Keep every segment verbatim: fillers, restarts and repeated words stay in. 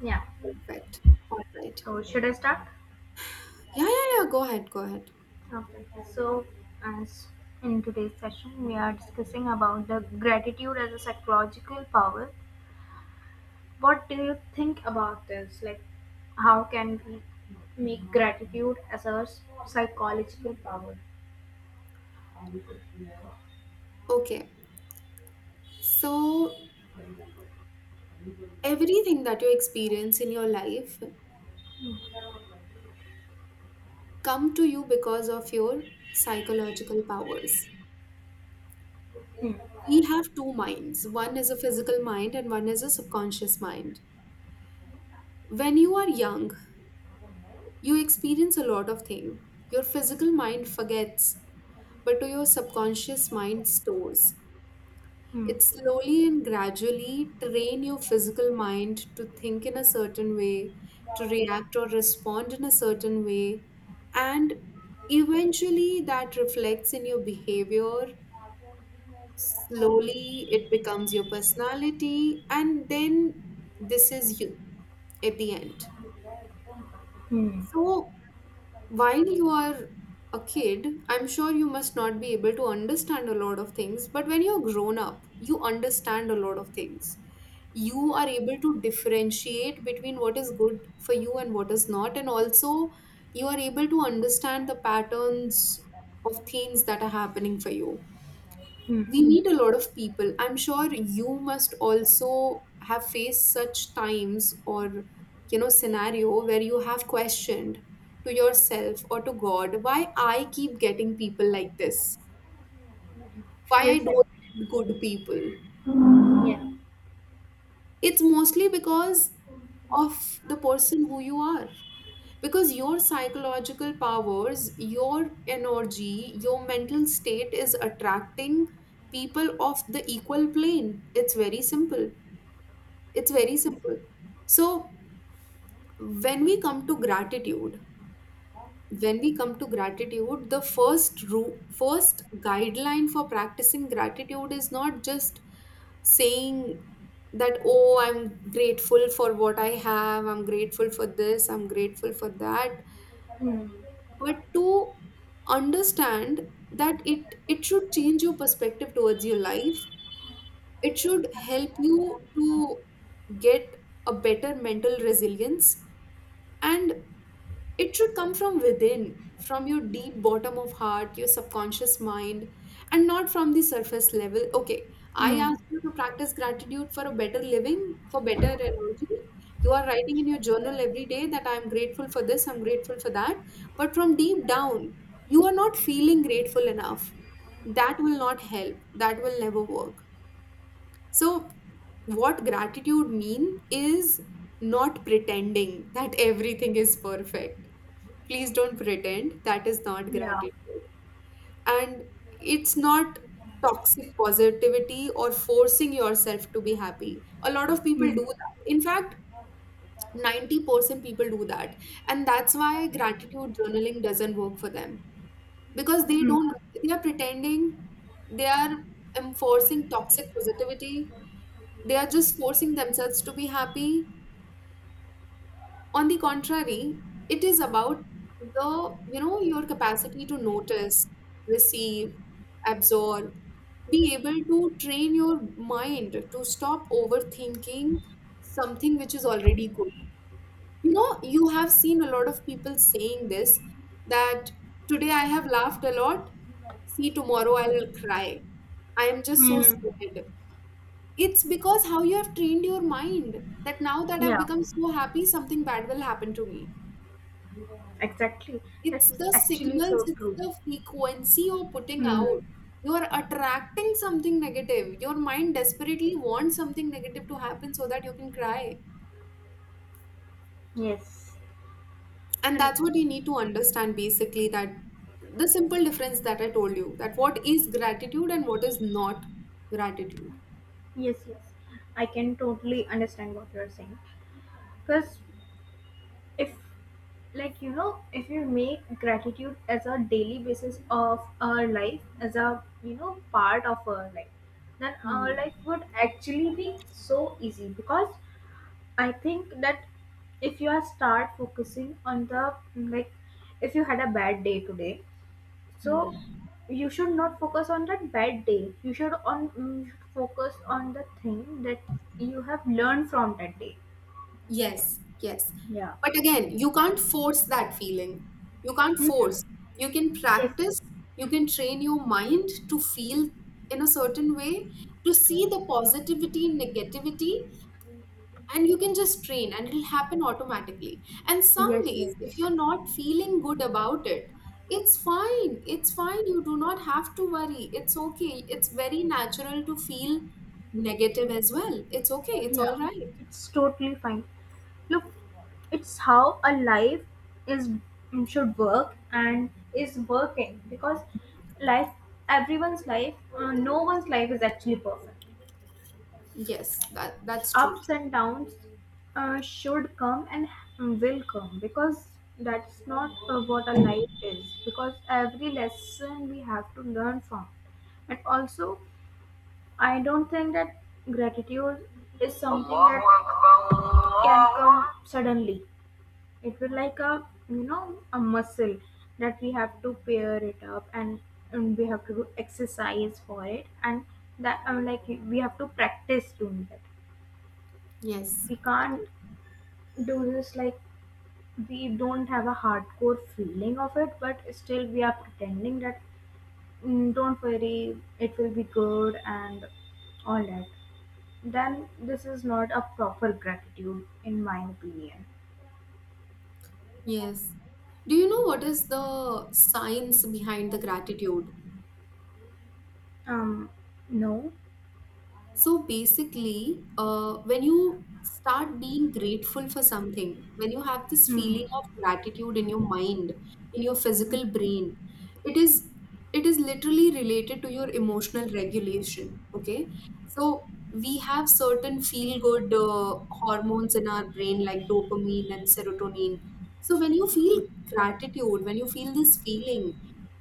Yeah. Perfect. All right. So should I start? Yeah, yeah, yeah. Go ahead. Go ahead. Okay. So as in today's session, we are discussing about the gratitude as a psychological power. What do you think about this? Like, how can we make gratitude as a s- psychological power? Okay. So everything that you experience in your life come to you because of your psychological powers. Hmm. We have two minds. One is a physical mind and one is a subconscious mind. When you are young, you experience a lot of things. Your physical mind forgets, but to your subconscious mind stores. Hmm. It slowly and gradually train your physical mind to think in a certain way, to react or respond in a certain way, and eventually that reflects in your behavior. Slowly, it becomes your personality, and then this is you at the end. Hmm. So, while you are a kid, I'm sure you must not be able to understand a lot of things, but when you're grown up, you understand a lot of things. You are able to differentiate between what is good for you and what is not, and also you are able to understand the patterns of things that are happening for you. Hmm. We meet a lot of people. I'm sure you must also have faced such times or, you know, scenario where you have questioned to yourself or to God why I keep getting people like this, why I Yes. I- don't meet good people. Yeah. It's mostly because of the person who you are. Because your psychological powers, your energy, your mental state is attracting people of the equal plane. It's very simple. It's Yeah. very simple. So when we come to gratitude, when we come to gratitude, the first ru- first guideline for practicing gratitude is not just saying that, oh, I'm grateful for what I have, I'm grateful for this, I'm grateful for that, Hmm. but to understand that it it should change your perspective towards your life. It should help you to get a better mental resilience, and it should come from within, from your deep bottom of heart, your subconscious mind, and not from the surface level. Okay, I Hmm. asked you to practice gratitude for a better living, for better energy. You are writing in your journal every day that I am grateful for this, I'm grateful for that, but from deep down you are not feeling grateful enough. That will not help. That will never work. So, what gratitude mean is not pretending that everything is perfect. Please don't pretend. That is not Yeah. gratitude. And it's not toxic positivity or forcing yourself to be happy. A lot of people do Hmm. that. In fact, ninety percent people do that. And that's why gratitude journaling doesn't work for them, because they Hmm. don't, they are pretending, they are enforcing toxic positivity, they are just forcing themselves to be happy. On the contrary, it is about the, you know, your capacity to notice, receive, absorb, be able to train your mind to stop overthinking something which is already good. You know, you have seen a lot of people saying this, that today I have laughed a lot, see, tomorrow I'll cry. I am just so Hmm. scared. It's because how you have trained your mind, that now that I've Yeah. become so happy, something bad will happen to me. Exactly. It's That's the actually signals, so it's true. the frequency you're putting Hmm. out. You're attracting something negative. Your mind desperately wants something negative to happen so that you can cry. Yes, And and that's what you need to understand basically, that the simple difference that I told you, that what is gratitude and what is not gratitude. yes, yes, I can totally understand what you're saying. Because if, like, you know, if you make gratitude as a daily basis of our life, as a, you know, part of our life, then our Hmm. life would actually be so easy. Because I think that if you are start focusing on the, like, if you had a bad day today, Hmm. so you should not focus on that bad day, you should on you should focus on the thing that you have learned from that day. Yes, yes. Yeah. But again, you can't force that feeling. You can't force. You can yes practice, you can train your mind to feel in a certain way, to see the positivity and negativity, and you can just train and it'll happen automatically. And some yes days, yes if you're not feeling good about it, it's fine. It's fine. You do not have to worry. It's okay. It's very natural to feel negative as well. It's okay. It's all Yeah, right. it's totally fine. Look, it's how a life is mm, should work and is working, because life, everyone's life, uh, no one's life is actually perfect. Yes, that that's true. Ups and downs uh, should come and will come, because that's not uh, what a life is, because every lesson we have to learn from. And also, I don't think that gratitude is something that can come suddenly. It will, like a, you know, a muscle that we have to pair it up, and, and we have to do exercise for it. And that I mean like we have to practice doing that. Yes. We can't do this like we don't have a hardcore feeling of it, but still we are pretending that, "Mm, don't worry, it will be good," and all that. Then this is not a proper gratitude in my opinion. Yes. Do you know what is the science behind the gratitude? um no. So basically, uh, when you start being grateful for something, when you have this Hmm. feeling of gratitude in your mind, in your physical brain, it is it is literally related to your emotional regulation. Okay, so we have certain feel good uh, hormones in our brain like dopamine and serotonin. So when you feel gratitude, when you feel this feeling,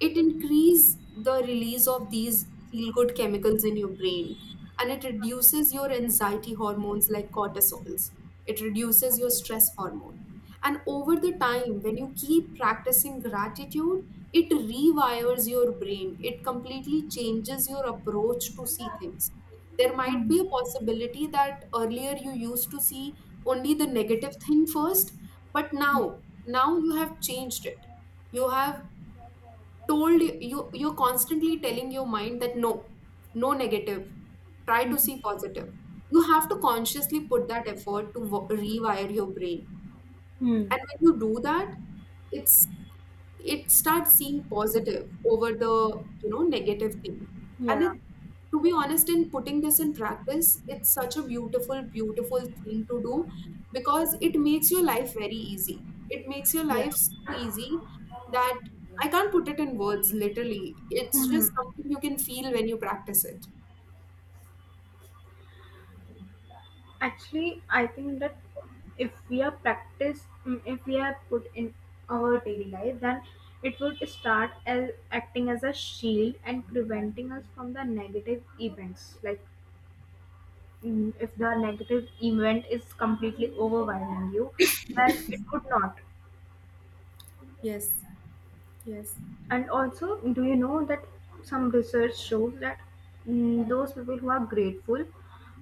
it increase the release of these feel good chemicals in your brain, and it reduces your anxiety hormones like cortisols. It reduces your stress hormone. And over the time, when you keep practicing gratitude, it rewires your brain. It completely changes your approach to see things. There might Hmm. be a possibility that earlier you used to see only the negative thing first, but now, Hmm. now you have changed it. You have told you you're constantly telling your mind that no, no negative, try to see Hmm. positive. You have to consciously put that effort to wo- rewire your brain, Hmm. and when you do that, it's, it starts seeing positive over the, you know, negative thing. And it, Yeah. to be honest, in putting this in practice, it's such a beautiful beautiful thing to do, because it makes your life very easy, it makes your Yeah. life so easy, that I can't put it in words. Literally, it's Hmm. just something you can feel when you practice it. Actually, I think that if we are practice, mm, if we are put in our daily life, then it would start as acting as a shield and preventing us from the negative events. Like mm, if the negative event is completely overwhelming you, then it would not. Yes, yes. And also, do you know that some research shows that, mm, those people who are grateful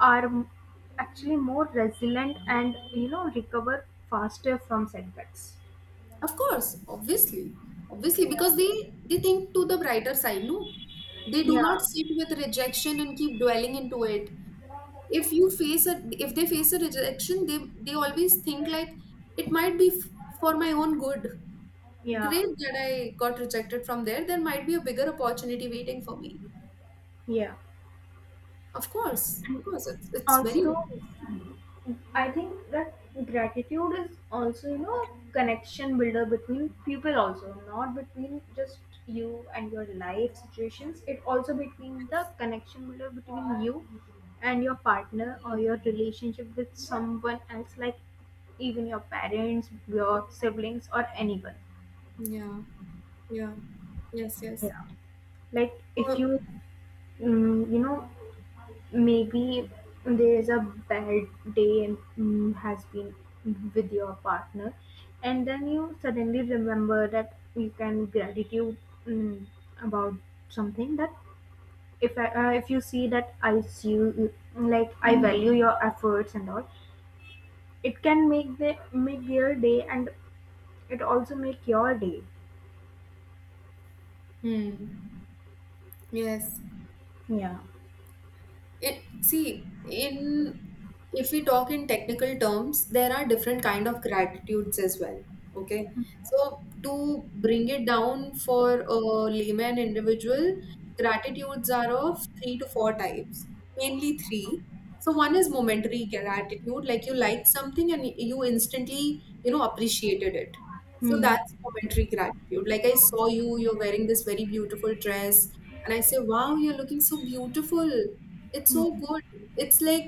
are m- actually more resilient and, you know, recover faster from setbacks. Of course, obviously, obviously, Yeah, because they they think to the brighter side. No, they do yeah, not sit with rejection and keep dwelling into it. If you face a, if they face a rejection, they they always think like, it might be f- for my own good. yeah. Great that I got rejected from there, there might be a bigger opportunity waiting for me. Yeah. Of course, of course, it's, it's very. Also, I think that gratitude is also, you know, a connection builder between people also, not between just you and your life situations. It also between the Yes. connection builder between you and your partner or your relationship with someone else, like even your parents, your siblings, or anyone. Yeah, yeah, yes, yes. Yeah. Like if Uh, you, mm, you know, maybe there's a bad day and mm, has been with your partner, and then you suddenly remember that you can gratitude mm, about something that if I, uh, if you see that I see you mm, like I value your efforts and all, it can make the make their day and it also make your day. hmm. Yes. Yeah. It see in, if we talk in technical terms, there are different kind of gratitudes as well. Okay, so to bring it down for a layman individual, gratitudes are of three to four types, mainly three. So one is momentary gratitude, like you liked something and you instantly, you know, appreciated it. So Hmm. that's momentary gratitude. Like I saw you, you're wearing this very beautiful dress, and I say, wow, you're looking so beautiful. It's Hmm. so good. It's like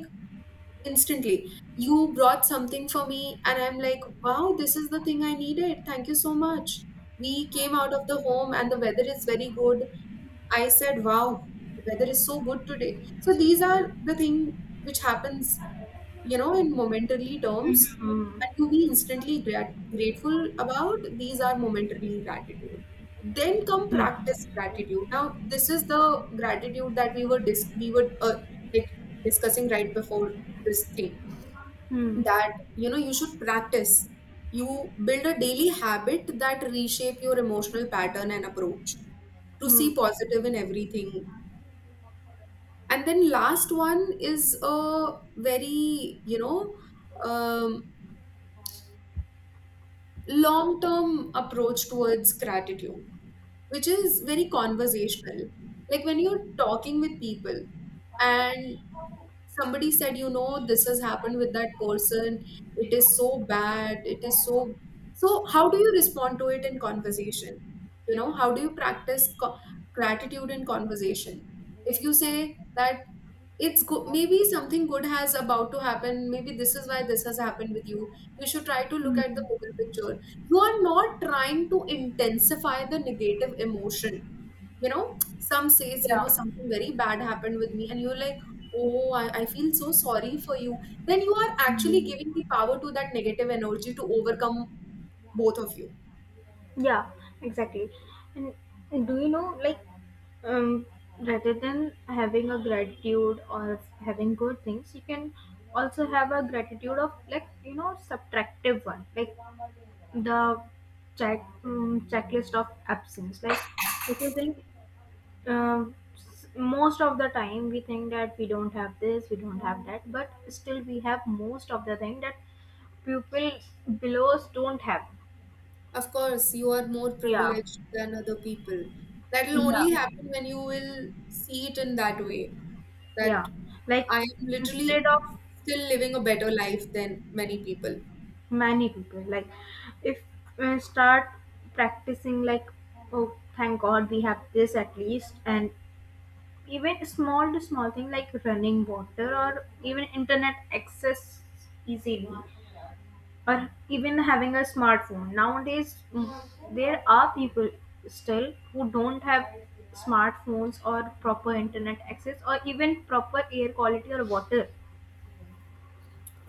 instantly you brought something for me and I'm like, wow, this is the thing I needed, thank you so much. We came out of the home and the weather is very good. I said, wow, the weather is so good today. So these are the thing which happens, you know, in momentarily Hmm. terms, Hmm. and you be instantly grat- grateful about. These are momentarily gratitude. Then come Yeah. practice gratitude. Now this is the gratitude that we were dis- we were uh, like discussing right before this thing, Hmm. that, you know, you should practice, you build a daily habit that reshape your emotional pattern and approach to Hmm. see positive in everything. And then last one is a very, you know, um, long term approach towards gratitude, which is very conversational, like when you're talking with people and somebody said, you know, this has happened with that person, it is so bad, it is so. So how do you respond to it in conversation? You know, how do you practice co- gratitude in conversation? If you say that it's good, maybe something good has about to happen, maybe this is why this has happened with you, you should try to look at Hmm. the bigger picture. You are not trying to intensify the negative emotion. You know, some says, you Yeah. know, something very bad happened with me, and you're like, oh, I, I feel so sorry for you, then you are actually Hmm. giving the power to that negative energy to overcome both of you. Yeah, exactly. And do you know, like, um, rather than having a gratitude or having good things, you can also have a gratitude of like, you know, subtractive one, like the check um, checklist of absence. Like, if you think, um, s- most of the time we think that we don't have this, we don't have that, but still we have most of the thing that people below us don't have. Of course, you are more Yeah, privileged than other people. That will yeah only happen when you will see it in that way. yeah That Like I am literally instead of still living a better life than many people. many people, like if we start practicing like, "Oh thank god, we have this at least," and even small to small thing like running water or even internet access easily, or even having a smartphone nowadays, mm, there are people still who don't have smartphones or proper internet access or even proper air quality or water.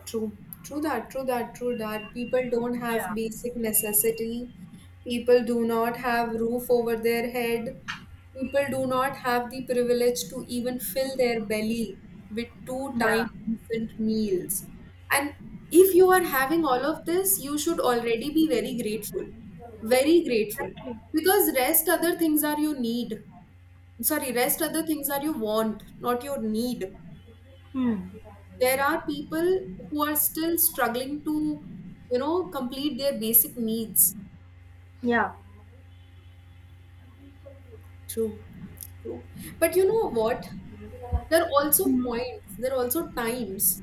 True, true that, true that, true that. People don't have Yeah, basic necessity. People do not have roof over their head. People do not have the privilege to even fill their belly with two yeah. time decent meals. And if you are having all of this, you should already be very grateful. Very grateful. Exactly. Because rest other things are your need. Sorry, rest other things are your want, not your need. Mm. There are people who are still struggling to, you know, complete their basic needs. Yeah. True. True. But you know what? There are also Mm. points, there are also times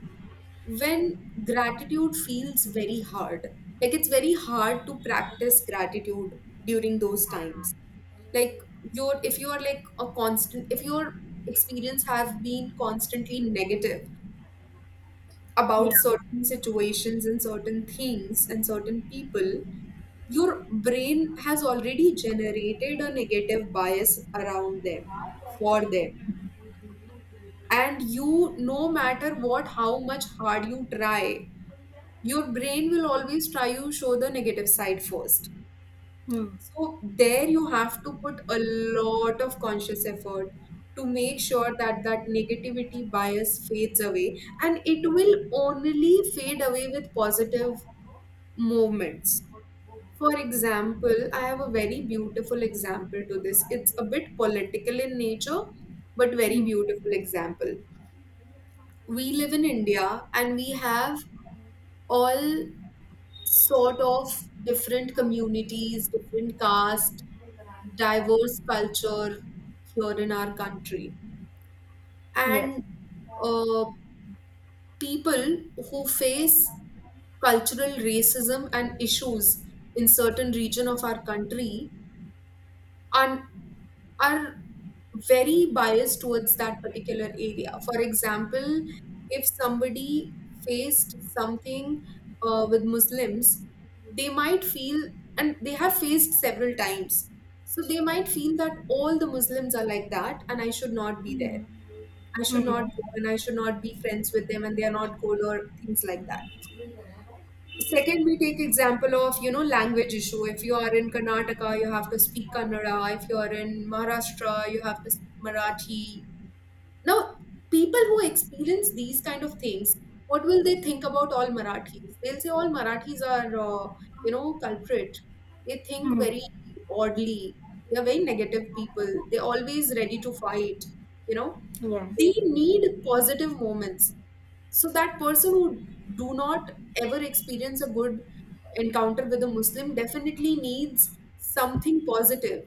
when gratitude feels very hard. Like it's very hard to practice gratitude during those times. Like you're, if you're like a constant, if your experience have been constantly negative, about Yeah. certain situations and certain things and certain people, your brain has already generated a negative bias around them, for them. And you, no matter what, how much hard you try, your brain will always try to show the negative side first. Mm. So there you have to put a lot of conscious effort to make sure that that negativity bias fades away and it will only fade away with positive movements. For example, I have a very beautiful example to this. It's a bit political in nature, but very Mm. beautiful example. We live in India and we have all sort of different communities, different caste, diverse culture here in our country. Yes. And uh, people who face cultural racism and issues in certain region of our country are are very biased towards that particular area. For example, if somebody faced something uh, with Muslims, they might feel, and they have faced several times, so they might feel that all the Muslims are like that and I should not be there. I should not Mm. go and I should not be friends with them and they are not good or things like that. Second, we take example of, you know, language issue. If you are in Karnataka, you have to speak Kannada. If you are in Maharashtra, you have to speak Marathi. Now, people who experience these kind of things, what will they think about all Marathis? They'll say all Marathis are, uh, you know, culprit. They think Mm. very oddly. They are very negative people. They're always ready to fight. You know, Yes. they need positive moments. So that person who do not ever experience a good encounter with a Muslim definitely needs something positive,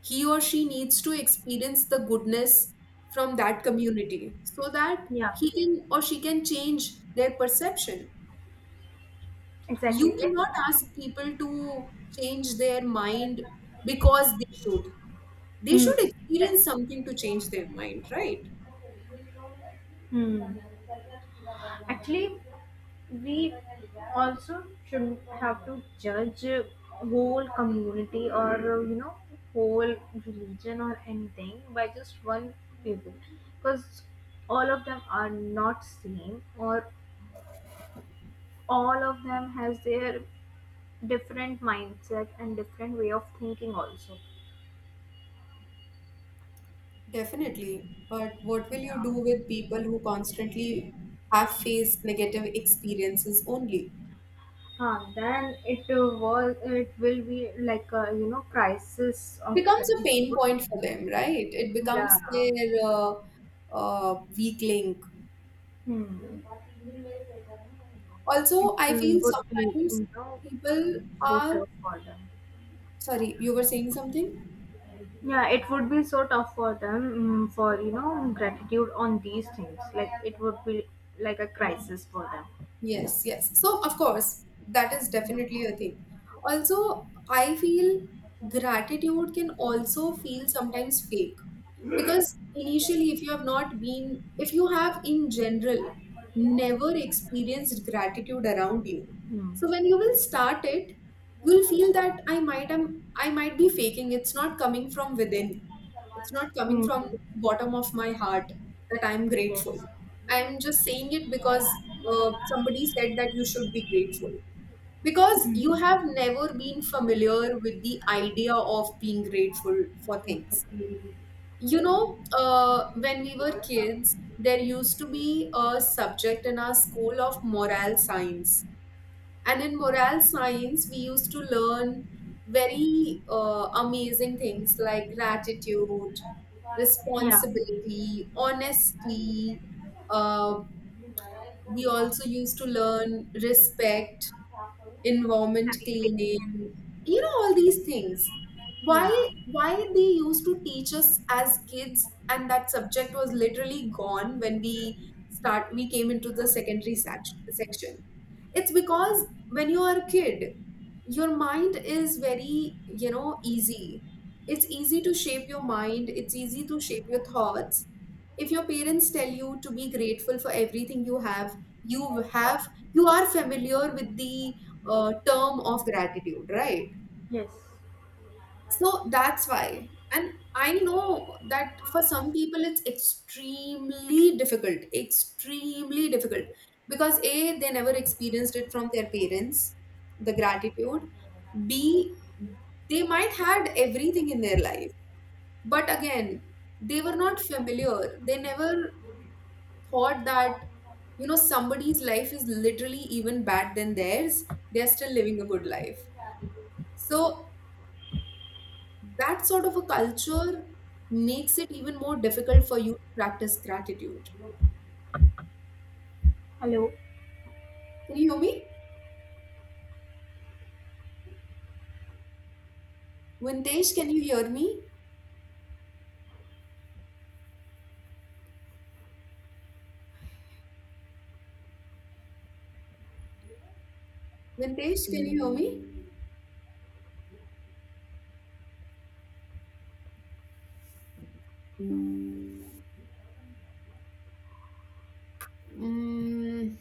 he or she needs to experience the goodness from that community so that Yeah. he can or she can change their perception. Exactly. You Yeah. cannot ask people to change their mind because they should. They should Mm. experience Exactly. something to change their mind, right? Mm. Actually, we also shouldn't have to judge uh, whole community or uh, you know, whole religion or anything by just one people, because all of them are not same, or all of them has their different mindset and different way of thinking also. Definitely. But what will you Yeah. do with people who constantly have faced negative experiences only? Uh, then it uh, was it will be like a, you know, crisis of Becomes a credit. pain point for them, right? It Yeah. becomes their uh, uh, weak link. Hmm. It Also, I uh, feel would be, sometimes you know, people so are, tough for them. sorry, you were saying something? Yeah, it would be so tough for them, mm, for, you know, gratitude on these things. Like, it would be like a crisis for them. Yes, yes. So, of course, that is definitely a thing. Also, I feel gratitude can also feel sometimes fake. Because initially, if you have not been, if you have in general never experienced gratitude around you, Hmm. so when you will start it, you'll feel that I might am I might be faking. It's not coming from within. It's not coming from Hmm. the bottom of my heart that I'm grateful. Yes. I'm just saying it because uh, somebody said that you should be grateful. Because you Hmm. have never been familiar with the idea of being grateful for things. You know, uh, when we were kids, there used to be a subject in our school of moral science. And in moral science, we used to learn very uh, amazing things like gratitude, Yeah. responsibility, honesty. Uh, we also used to learn respect, environment cleaning, you know, all these things. why Yeah. why they used to teach us as kids? And that subject was literally gone when we start we came into the secondary sec- section. It's because when you are a kid, your mind is very, you know, easy. It's easy to shape your mind, it's easy to shape your thoughts. If your parents tell you to be grateful for everything you have, you have, you are familiar with the uh, term of gratitude, right? Yes. So that's why. And I know that for some people it's extremely difficult, extremely difficult, because A, they never experienced it from their parents, the gratitude. B, they might had everything in their life, but again, they were not familiar. They never thought that, you know, somebody's life is literally even bad than theirs. They're still living a good life. So that sort of a culture makes it even more difficult for you to practice gratitude. Hello. Can you hear me? Vintesh, can you hear me? Vintesh, can you hear me? Mm,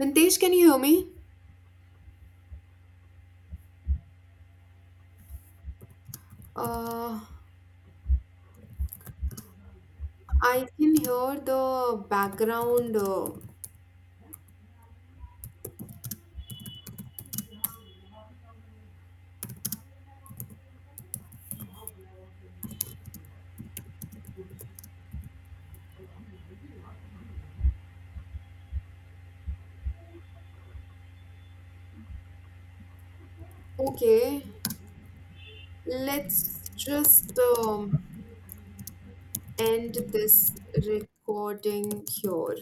Vintesh, can you hear me? Uh, I can hear the background. Uh, okay, let's just um, end this recording here.